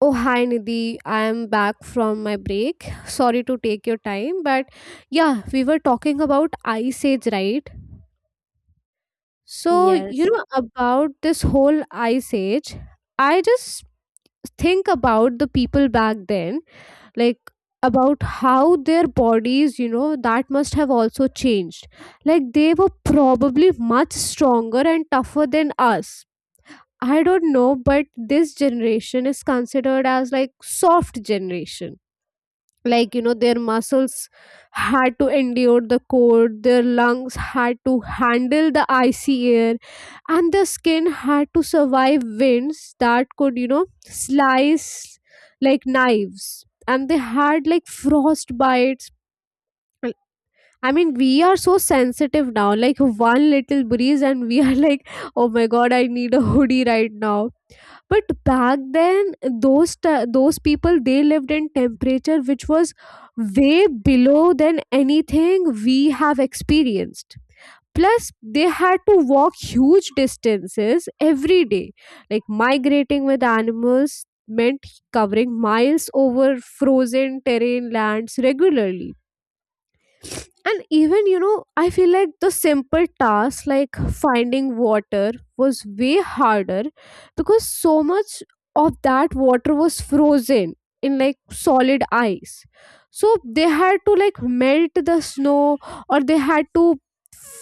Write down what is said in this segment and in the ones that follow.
Oh, hi Nidhi. I am back from my break. Sorry to take your time, but yeah, we were talking about Ice Age, right? So, you Yes, know, about this whole Ice Age, I just think about the people back then, like about how their bodies, you know, that must have also changed. Like they were probably much stronger and tougher than us. I don't know, but this generation is considered as like soft generation, like you know their muscles had to endure the cold, their lungs had to handle the icy air, and the skin had to survive winds that could, you know, slice like knives, and they had like frost bites. I mean, we are so sensitive now, like one little breeze and we are like, oh my god, I need a hoodie right now. But back then, those people, they lived in temperature which was way below than anything we have experienced. Plus, they had to walk huge distances every day, like migrating with animals meant covering miles over frozen terrain lands regularly. And even, you know, I feel like the simple task like finding water was way harder because so much of that water was frozen in like solid ice. So they had to like melt the snow, or they had to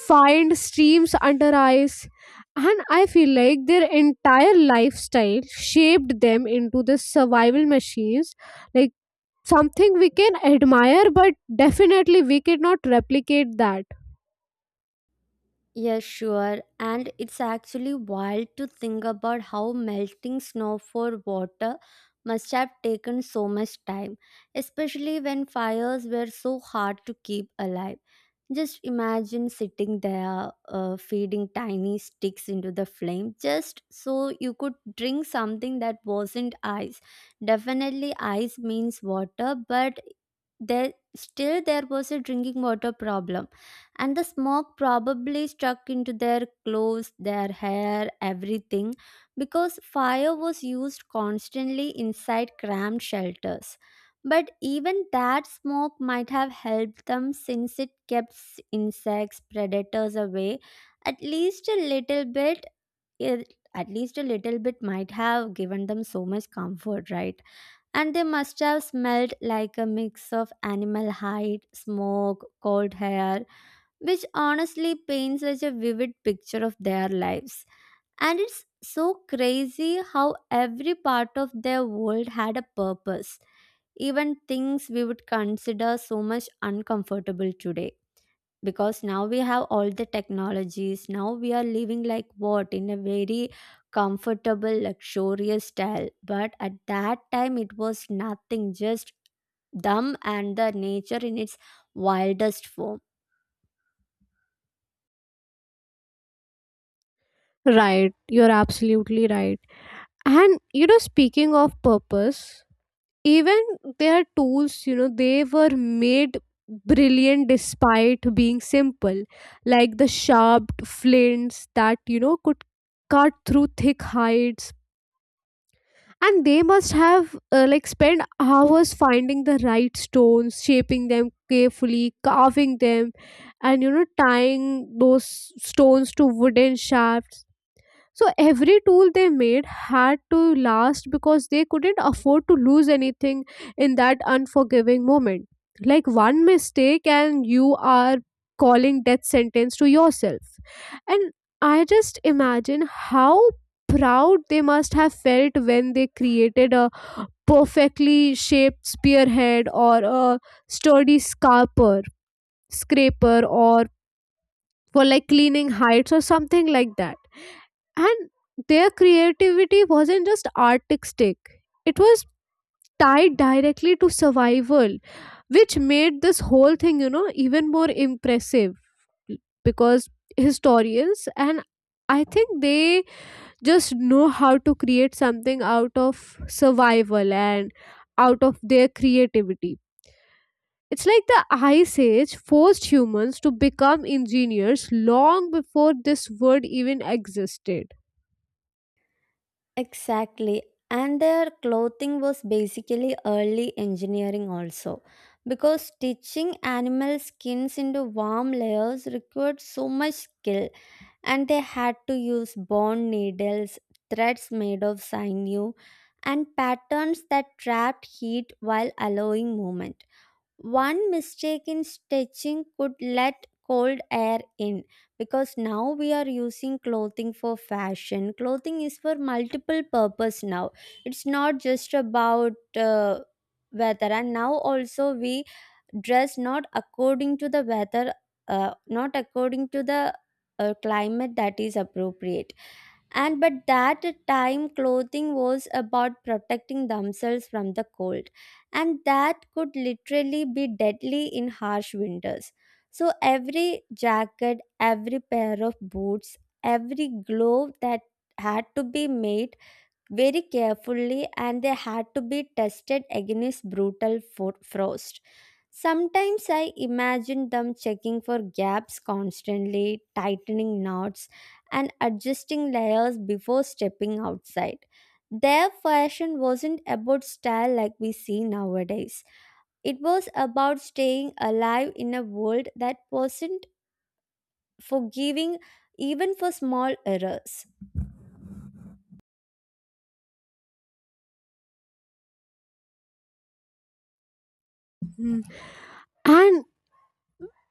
find streams under ice. And I feel like their entire lifestyle shaped them into the survival machines, like something we can admire, but definitely we cannot replicate that. yes, sure. And it's actually wild to think about how melting snow for water must have taken so much time, especially when fires were so hard to keep alive. Just imagine sitting there, feeding tiny sticks into the flame just so you could drink something that wasn't ice. Definitely, ice means water, but there still there was a drinking water problem and the smoke probably struck into their clothes, their hair, everything, because fire was used constantly inside cramped shelters. But even that smoke might have helped them since it kept insects, predators away at least a little bit. It, at least a little bit might have given them so much comfort, right? And they must have smelled like a mix of animal hide, smoke, cold hair which honestly paints such a vivid picture of their lives. And it's so crazy how every part of their world had a purpose, even things we would consider so much uncomfortable today. Because now we have all the technologies, now we are living like what in a very comfortable, luxurious style. But at that time, it was nothing, just dumb and the nature in its wildest form. Right, you're absolutely right. And you know, speaking of purpose, even their tools, you know, they were made brilliant despite being simple, like the sharp flints that you know could cut through thick hides. And they must have like spent hours finding the right stones, shaping them carefully, carving them, and you know tying those stones to wooden shafts. So every tool they made had to last because they couldn't afford to lose anything in that unforgiving moment. Like one mistake and you are calling death sentence to yourself. And I just imagine how proud they must have felt when they created a perfectly shaped spearhead or a sturdy scarper, scraper, or for like cleaning heights or something like that. And their creativity wasn't just artistic, it was tied directly to survival, which made this whole thing, you know, even more impressive, because historians and I think they just know how to create something out of survival and out of their creativity. It's like the Ice Age forced humans to become engineers long before this word even existed. Exactly. And their clothing was basically early engineering also. Because stitching animal skins into warm layers required so much skill, and they had to use bone needles, threads made of sinew, and patterns that trapped heat while allowing movement, one mistake in stitching could let cold air in. Because now we are using clothing for fashion, clothing is for multiple purpose now, it's not just about weather, and now also we dress not according to the weather, not according to the climate that is appropriate. And but that time clothing was about protecting themselves from the cold and that could literally be deadly in harsh winters. So every jacket, every pair of boots, every glove that had to be made very carefully, and they had to be tested against brutal frost. Sometimes I imagine them checking for gaps constantly, tightening knots, and adjusting layers before stepping outside. Their fashion wasn't about style like we see nowadays. It was about staying alive in a world that wasn't forgiving even for small errors. Mm. And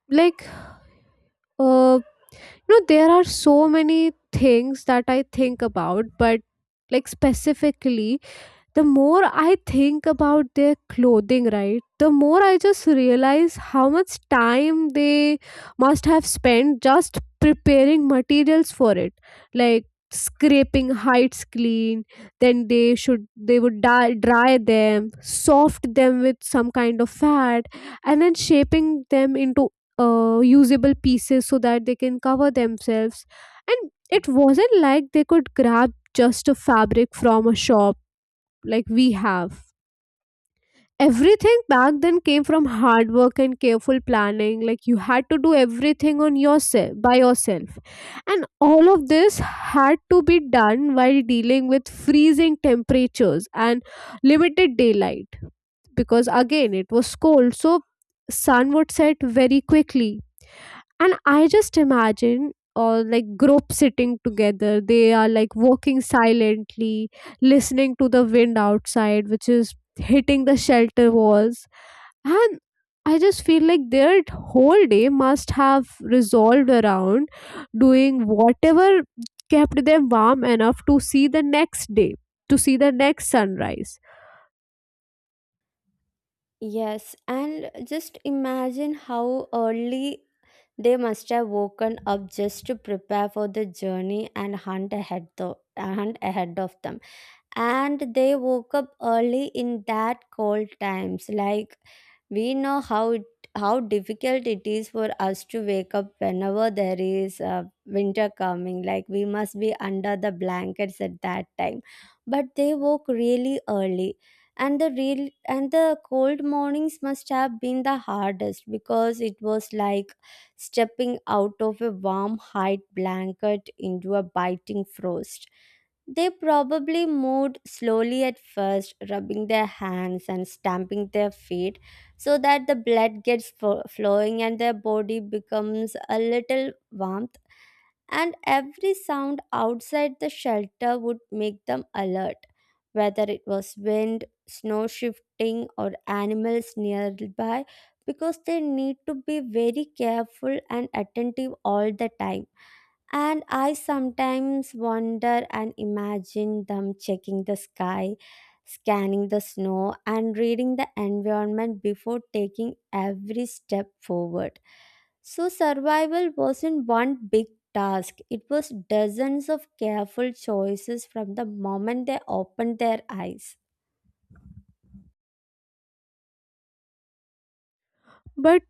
like, uh you know, there are so many things that I think about, but like specifically, the more I think about their clothing, right, the more I just realize how much time they must have spent just preparing materials for it. Like scraping hides clean, then they would dye, dry them, soft them with some kind of fat, and then shaping them into usable pieces so that they can cover themselves. And it wasn't like they could grab just a fabric from a shop like we have. Everything back then came from hard work and careful planning, like you had to do everything on yourself by yourself. And all of this had to be done while dealing with freezing temperatures and limited daylight, because again it was cold, so sun would set very quickly. And I just imagine, like group sitting together, they are like walking silently, listening to the wind outside which is hitting the shelter walls. And I just feel like their whole day must have resolved around doing whatever kept them warm enough to see the next day, to see the next sunrise. Yes, and just imagine how early they must have woken up just to prepare for the journey and hunt ahead, though hunt ahead of them, and they woke up early in that cold times. Like we know how it, how difficult it is for us to wake up whenever there is winter coming, like we must be under the blankets at that time, but they woke really early. And the real and the cold mornings must have been the hardest because it was like stepping out of a warm hide blanket into a biting frost. They probably moved slowly at first, rubbing their hands and stamping their feet, so that the blood gets flowing and their body becomes a little warmth. And every sound outside the shelter would make them alert, whether it was wind, snow shifting, or animals nearby, because they need to be very careful and attentive all the time. And I sometimes wonder and imagine them checking the sky, scanning the snow, and reading the environment before taking every step forward. So, survival wasn't one big task, it was dozens of careful choices from the moment they opened their eyes. But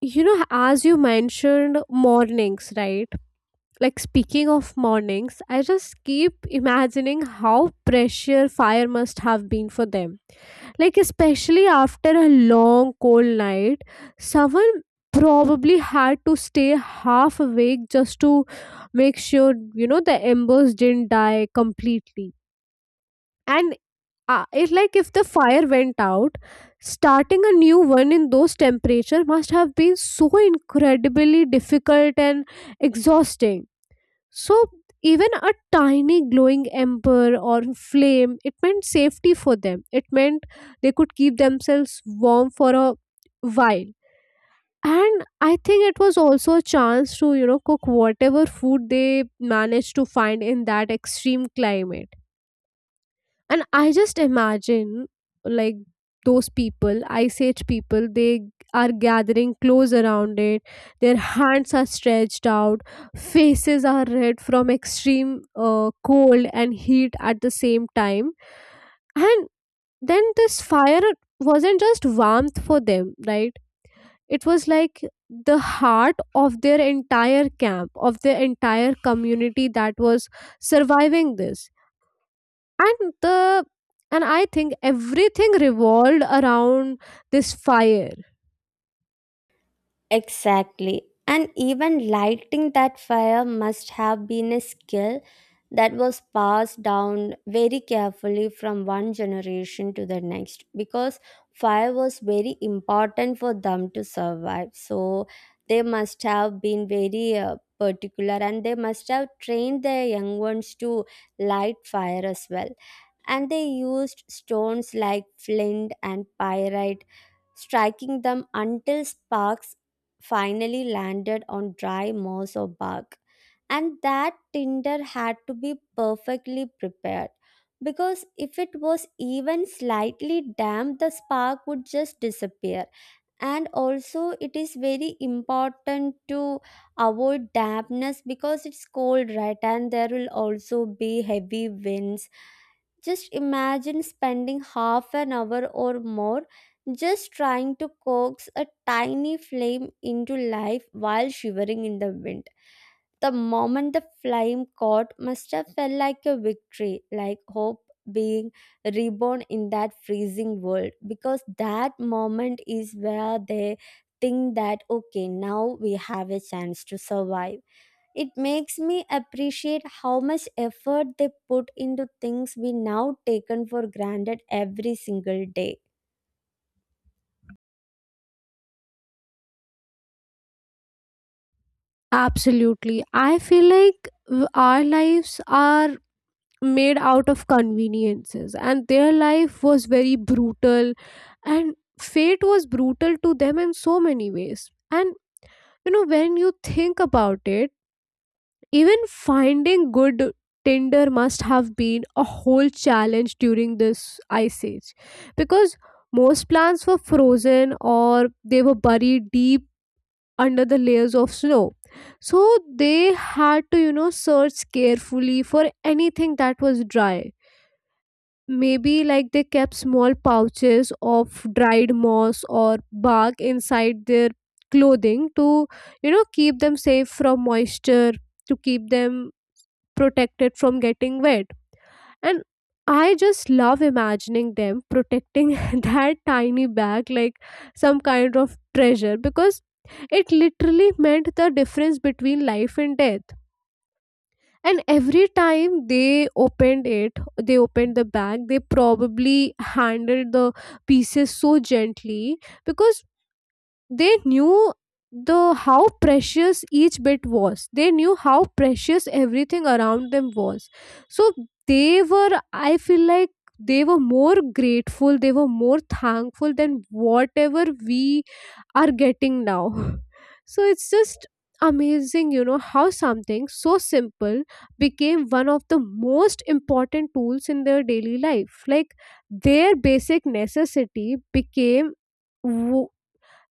you know, as you mentioned mornings, right, like speaking of mornings, I just keep imagining how pressure fire must have been for them, like especially after a long cold night. Someone probably had to stay half awake just to make sure, you know, the embers didn't die completely. And it like if the fire went out, starting a new one in those temperature must have been so incredibly difficult and exhausting. So even a tiny glowing ember or flame, it meant safety for them. It meant they could keep themselves warm for a while. And I think it was also a chance to, you know, cook whatever food they managed to find in that extreme climate. And I just imagine, like those people, ice age people, they are gathering close around it, their hands are stretched out, faces are red from extreme cold and heat at the same time. And then this fire wasn't just warmth for them, right? It was like the heart of their entire camp, of their entire community that was surviving this. And the, and I think everything revolved around this fire. Exactly. And even lighting that fire must have been a skill that was passed down very carefully from one generation to the next, because fire was very important for them to survive. So they must have been very particular, and they must have trained their young ones to light fire as well. And they used stones like flint and pyrite, striking them until sparks finally landed on dry moss or bark. And that tinder had to be perfectly prepared, because if it was even slightly damp, the spark would just disappear. And also it is very important to avoid dampness because it's cold, right, and there will also be heavy winds. Just imagine spending half an hour or more just trying to coax a tiny flame into life while shivering in the wind. The moment the flame caught must have felt like a victory, like hope being reborn in that freezing world, because that moment is where they think that, okay, now we have a chance to survive. It makes me appreciate how much effort they put into things we now taken for granted every single day. Absolutely, I feel like our lives are made out of conveniences and their life was very brutal, and fate was brutal to them in so many ways. And you know, when you think about it, even finding good tinder must have been a whole challenge during this ice age, because most plants were frozen or they were buried deep under the layers of snow. So they had to, you know, search carefully for anything that was dry. Maybe like they kept small pouches of dried moss or bark inside their clothing to, you know, keep them safe from moisture, to keep them protected from getting wet. And I just love imagining them protecting that tiny bag like some kind of treasure, because it literally meant the difference between life and death. And every time they opened it, they opened the bag, they probably handled the pieces so gently, because they knew the how precious each bit was, they knew how precious everything around them was. So they were, I feel like they were more grateful, they were more thankful than whatever we are getting now. So it's just amazing, you know, how something so simple became one of the most important tools in their daily life, like their basic necessity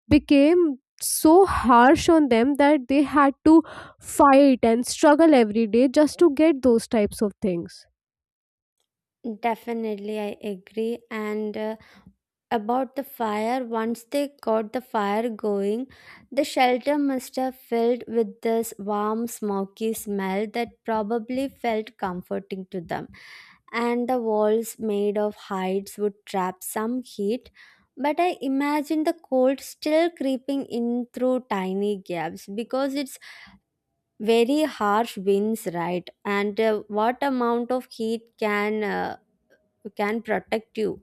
became so harsh on them that they had to fight and struggle every day just to get those types of things. Definitely, I agree. And about the fire, once they got the fire going, the shelter must have filled with this warm, smoky smell that probably felt comforting to them. And the walls made of hides would trap some heat, but I imagine the cold still creeping in through tiny gaps because it's very harsh winds, right? And what amount of heat can, who can protect you?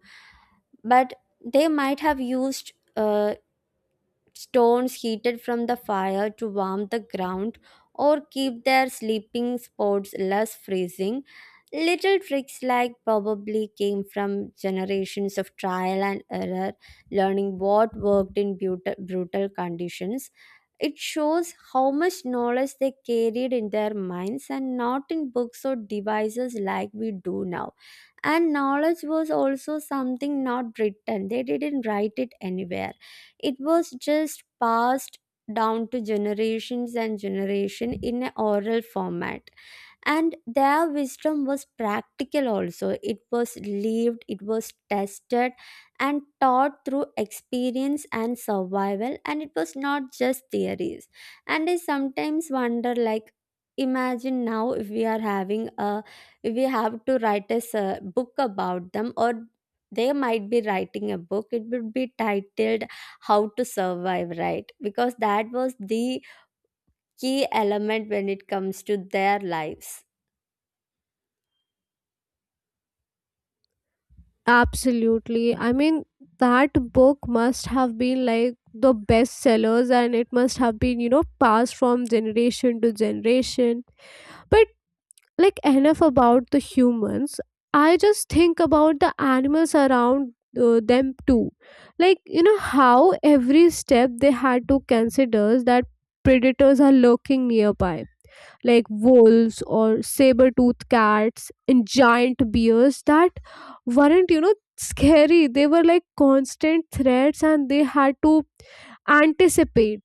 But they might have used stones heated from the fire to warm the ground or keep their sleeping spots less freezing. Little tricks like probably came from generations of trial and error, learning what worked in brutal, brutal conditions. It shows how much knowledge they carried in their minds and not in books or devices like we do now. And knowledge was also something not written, they didn't write it anywhere, it was just passed down to generations and generation in an oral format. And their wisdom was practical also, it was lived, it was tested and taught through experience and survival, and it was not just theories. And I sometimes wonder, like, imagine now if we are having a, if we have to write a book about them, or they might be writing a book, it would be titled how to survive, right, because that was the key element when it comes to their lives. Absolutely. I mean, that book must have been like the best sellers, and it must have been, you know, passed from generation to generation. But like enough about the humans, I just think about the animals around them too, like you know how every step they had to consider that predators are lurking nearby, like wolves or saber-toothed cats and giant bears that weren't, you know, scary, they were like constant threats, and they had to anticipate.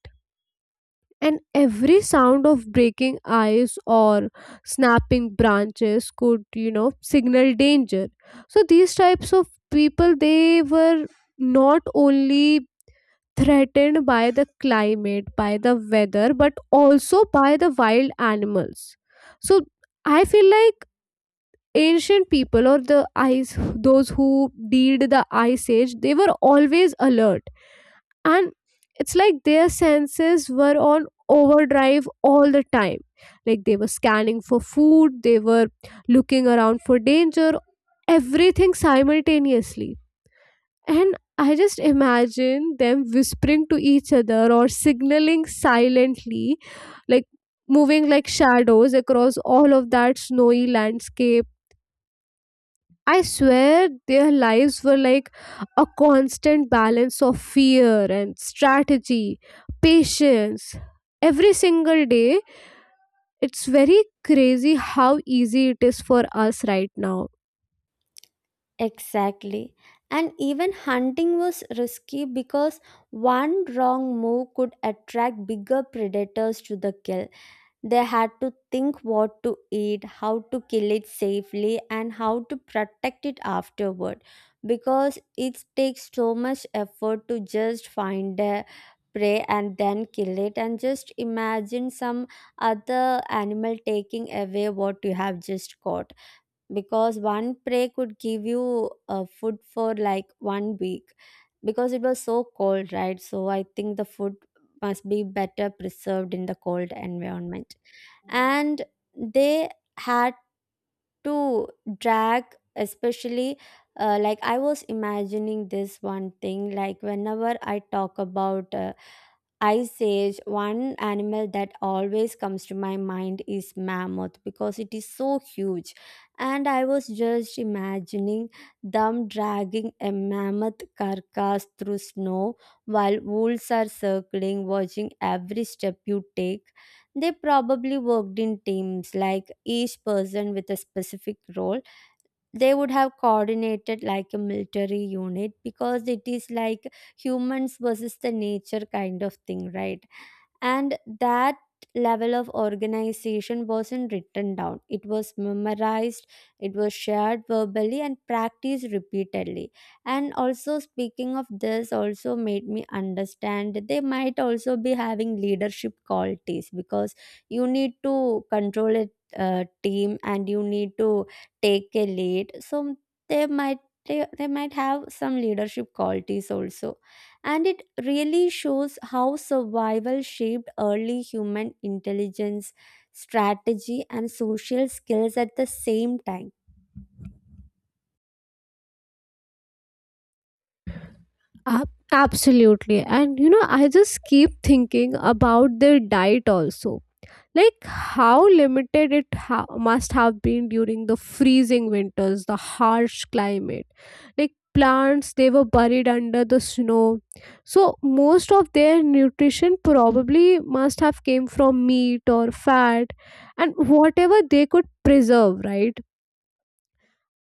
And every sound of breaking ice or snapping branches could, you know, signal danger. So these types of people, they were not only threatened by the climate, by the weather, but also by the wild animals. So I feel like ancient people, or the ice, those who did the ice age, they were always alert. And it's like their senses were on overdrive all the time, like they were scanning for food, they were looking around for danger, everything simultaneously. And I just imagine them whispering to each other or signaling silently, like moving like shadows across all of that snowy landscape. I swear their lives were like a constant balance of fear and strategy, patience. Every single day, it's very crazy how easy it is for us right now. Exactly. And even hunting was risky because one wrong move could attract bigger predators to the kill. They had to think what to eat, how to kill it safely, and how to protect it afterward, because it takes so much effort to just find a prey and then kill it, and just imagine some other animal taking away what you have just caught. Because one prey could give you food for like one week, because it was so cold, right, so I think the food must be better preserved in the cold environment. And they had to drag, especially like I was imagining this one thing, like whenever I talk about I sage one animal that always comes to my mind is mammoth because it is so huge. And I was just imagining them dragging a mammoth carcass through snow while wolves are circling, watching every step you take. They probably worked in teams, like each person with a specific role, they would have coordinated like a military unit because it is like humans versus the nature kind of thing, right? And that level of organization wasn't written down, it was memorized, it was shared verbally and practiced repeatedly. And also speaking of this also made me understand that they might also be having leadership qualities, because you need to control a team and you need to take a lead. So they might, they might have some leadership qualities also. And it really shows how survival shaped early human intelligence, strategy, and social skills at the same time. Absolutely. And you know, I just keep thinking about their diet also, like how limited it must have been during the freezing winters, the harsh climate. Like plants, they were buried under the snow, so most of their nutrition probably must have came from meat or fat and whatever they could preserve, right?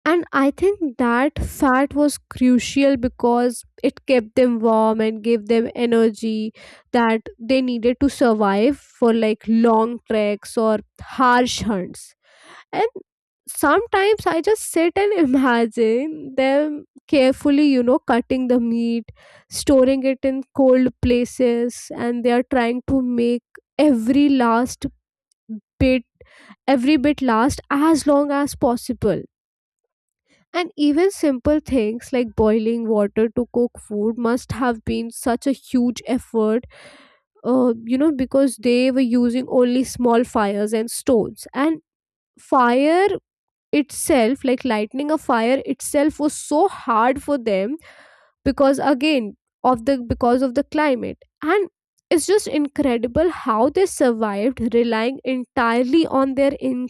And I think that fat was crucial because it kept them warm and gave them energy that they needed to survive for like long treks or harsh hunts. And sometimes I just sit and imagine them carefully, you know, cutting the meat, storing it in cold places, and they are trying to make every last bit, every bit last as long as possible. And even simple things like boiling water to cook food must have been such a huge effort, you know, because they were using only small fires and stones. And fire itself, like lighting a fire itself, was so hard for them because, again, of the because of the climate. And it's just incredible how they survived relying entirely on their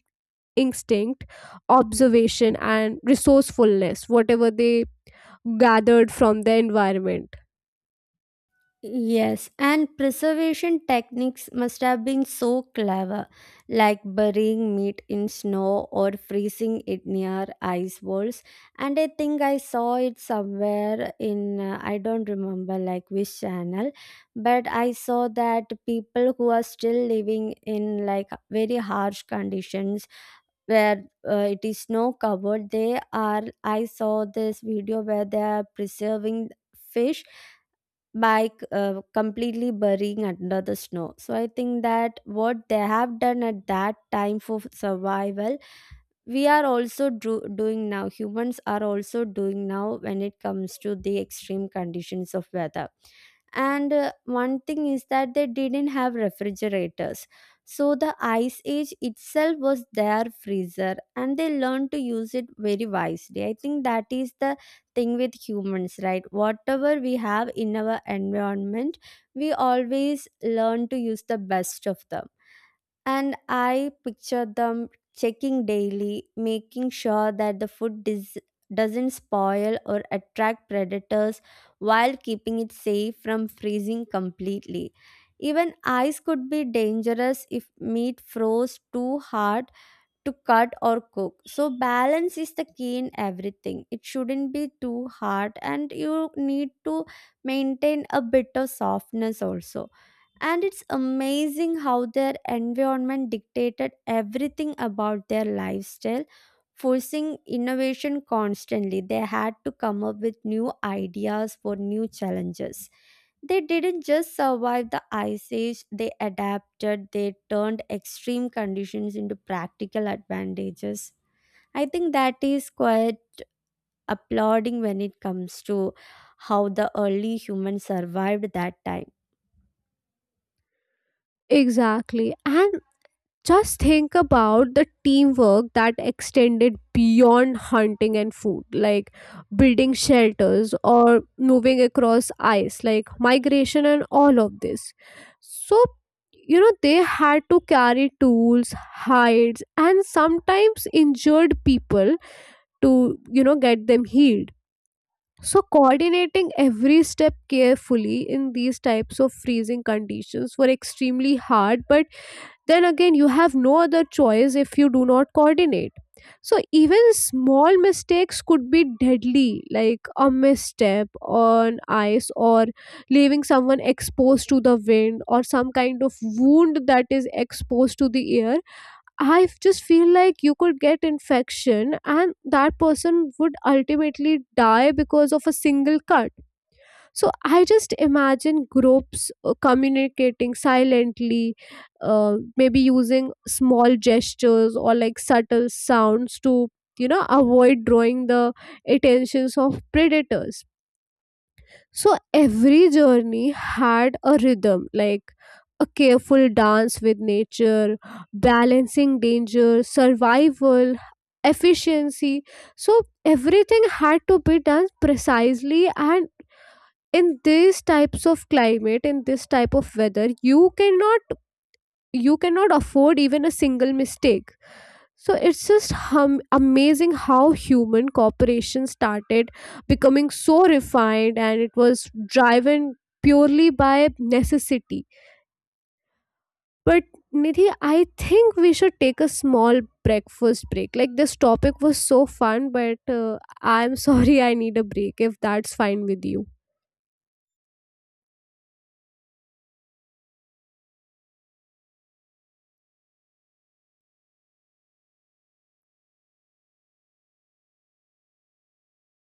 instinct, observation, and resourcefulness, whatever they gathered from the environment. Yes, and preservation techniques must have been so clever, like burying meat in snow or freezing it near ice walls. And I think I saw it somewhere in, I don't remember like which channel, but I saw that people who are still living in like very harsh conditions, where it is snow covered, they are, I saw this video where they are preserving fish by completely burying under the snow. So I think that what they have done at that time for survival, we are also doing now, humans are also doing now when it comes to the extreme conditions of weather. And one thing is that they didn't have refrigerators, so the ice age itself was their freezer and they learned to use it very wisely. I think that is the thing with humans, right, whatever we have in our environment, we always learn to use the best of them. And I picture them checking daily, making sure that the food doesn't spoil or attract predators while keeping it safe from freezing completely. Even ice could be dangerous if meat froze too hard to cut or cook. So balance is the key in everything. It shouldn't be too hard and you need to maintain a bit of softness also. And it's amazing how their environment dictated everything about their lifestyle, forcing innovation constantly. They had to come up with new ideas for new challenges. They didn't just survive the ice age, they adapted, they turned extreme conditions into practical advantages. I think that is quite applauding when it comes to how the early humans survived that time. Exactly. And just think about the teamwork that extended beyond hunting and food, like building shelters or moving across ice, like migration and all of this. So, you know, they had to carry tools, hides, and sometimes injured people to, you know, get them healed. So coordinating every step carefully in these types of freezing conditions were extremely hard, but then again you have no other choice if you do not coordinate. So even small mistakes could be deadly, like a misstep on ice, or leaving someone exposed to the wind, or some kind of wound that is exposed to the air. Just feel like you could get infection and that person would ultimately die because of a single cut. So I just imagine groups communicating silently, maybe using small gestures or like subtle sounds to, you know, avoid drawing the attentions of predators. So every journey had a rhythm, like a careful dance with nature, balancing danger, survival, efficiency. So everything had to be done precisely, and in these types of climate, in this type of weather, you cannot, you cannot afford even a single mistake. So it's just amazing how human cooperation started becoming so refined, and it was driven purely by necessity. But Nidhi, I think we should take a small breakfast break. Like this topic was so fun, but I'm sorry, I need a break if that's fine with you.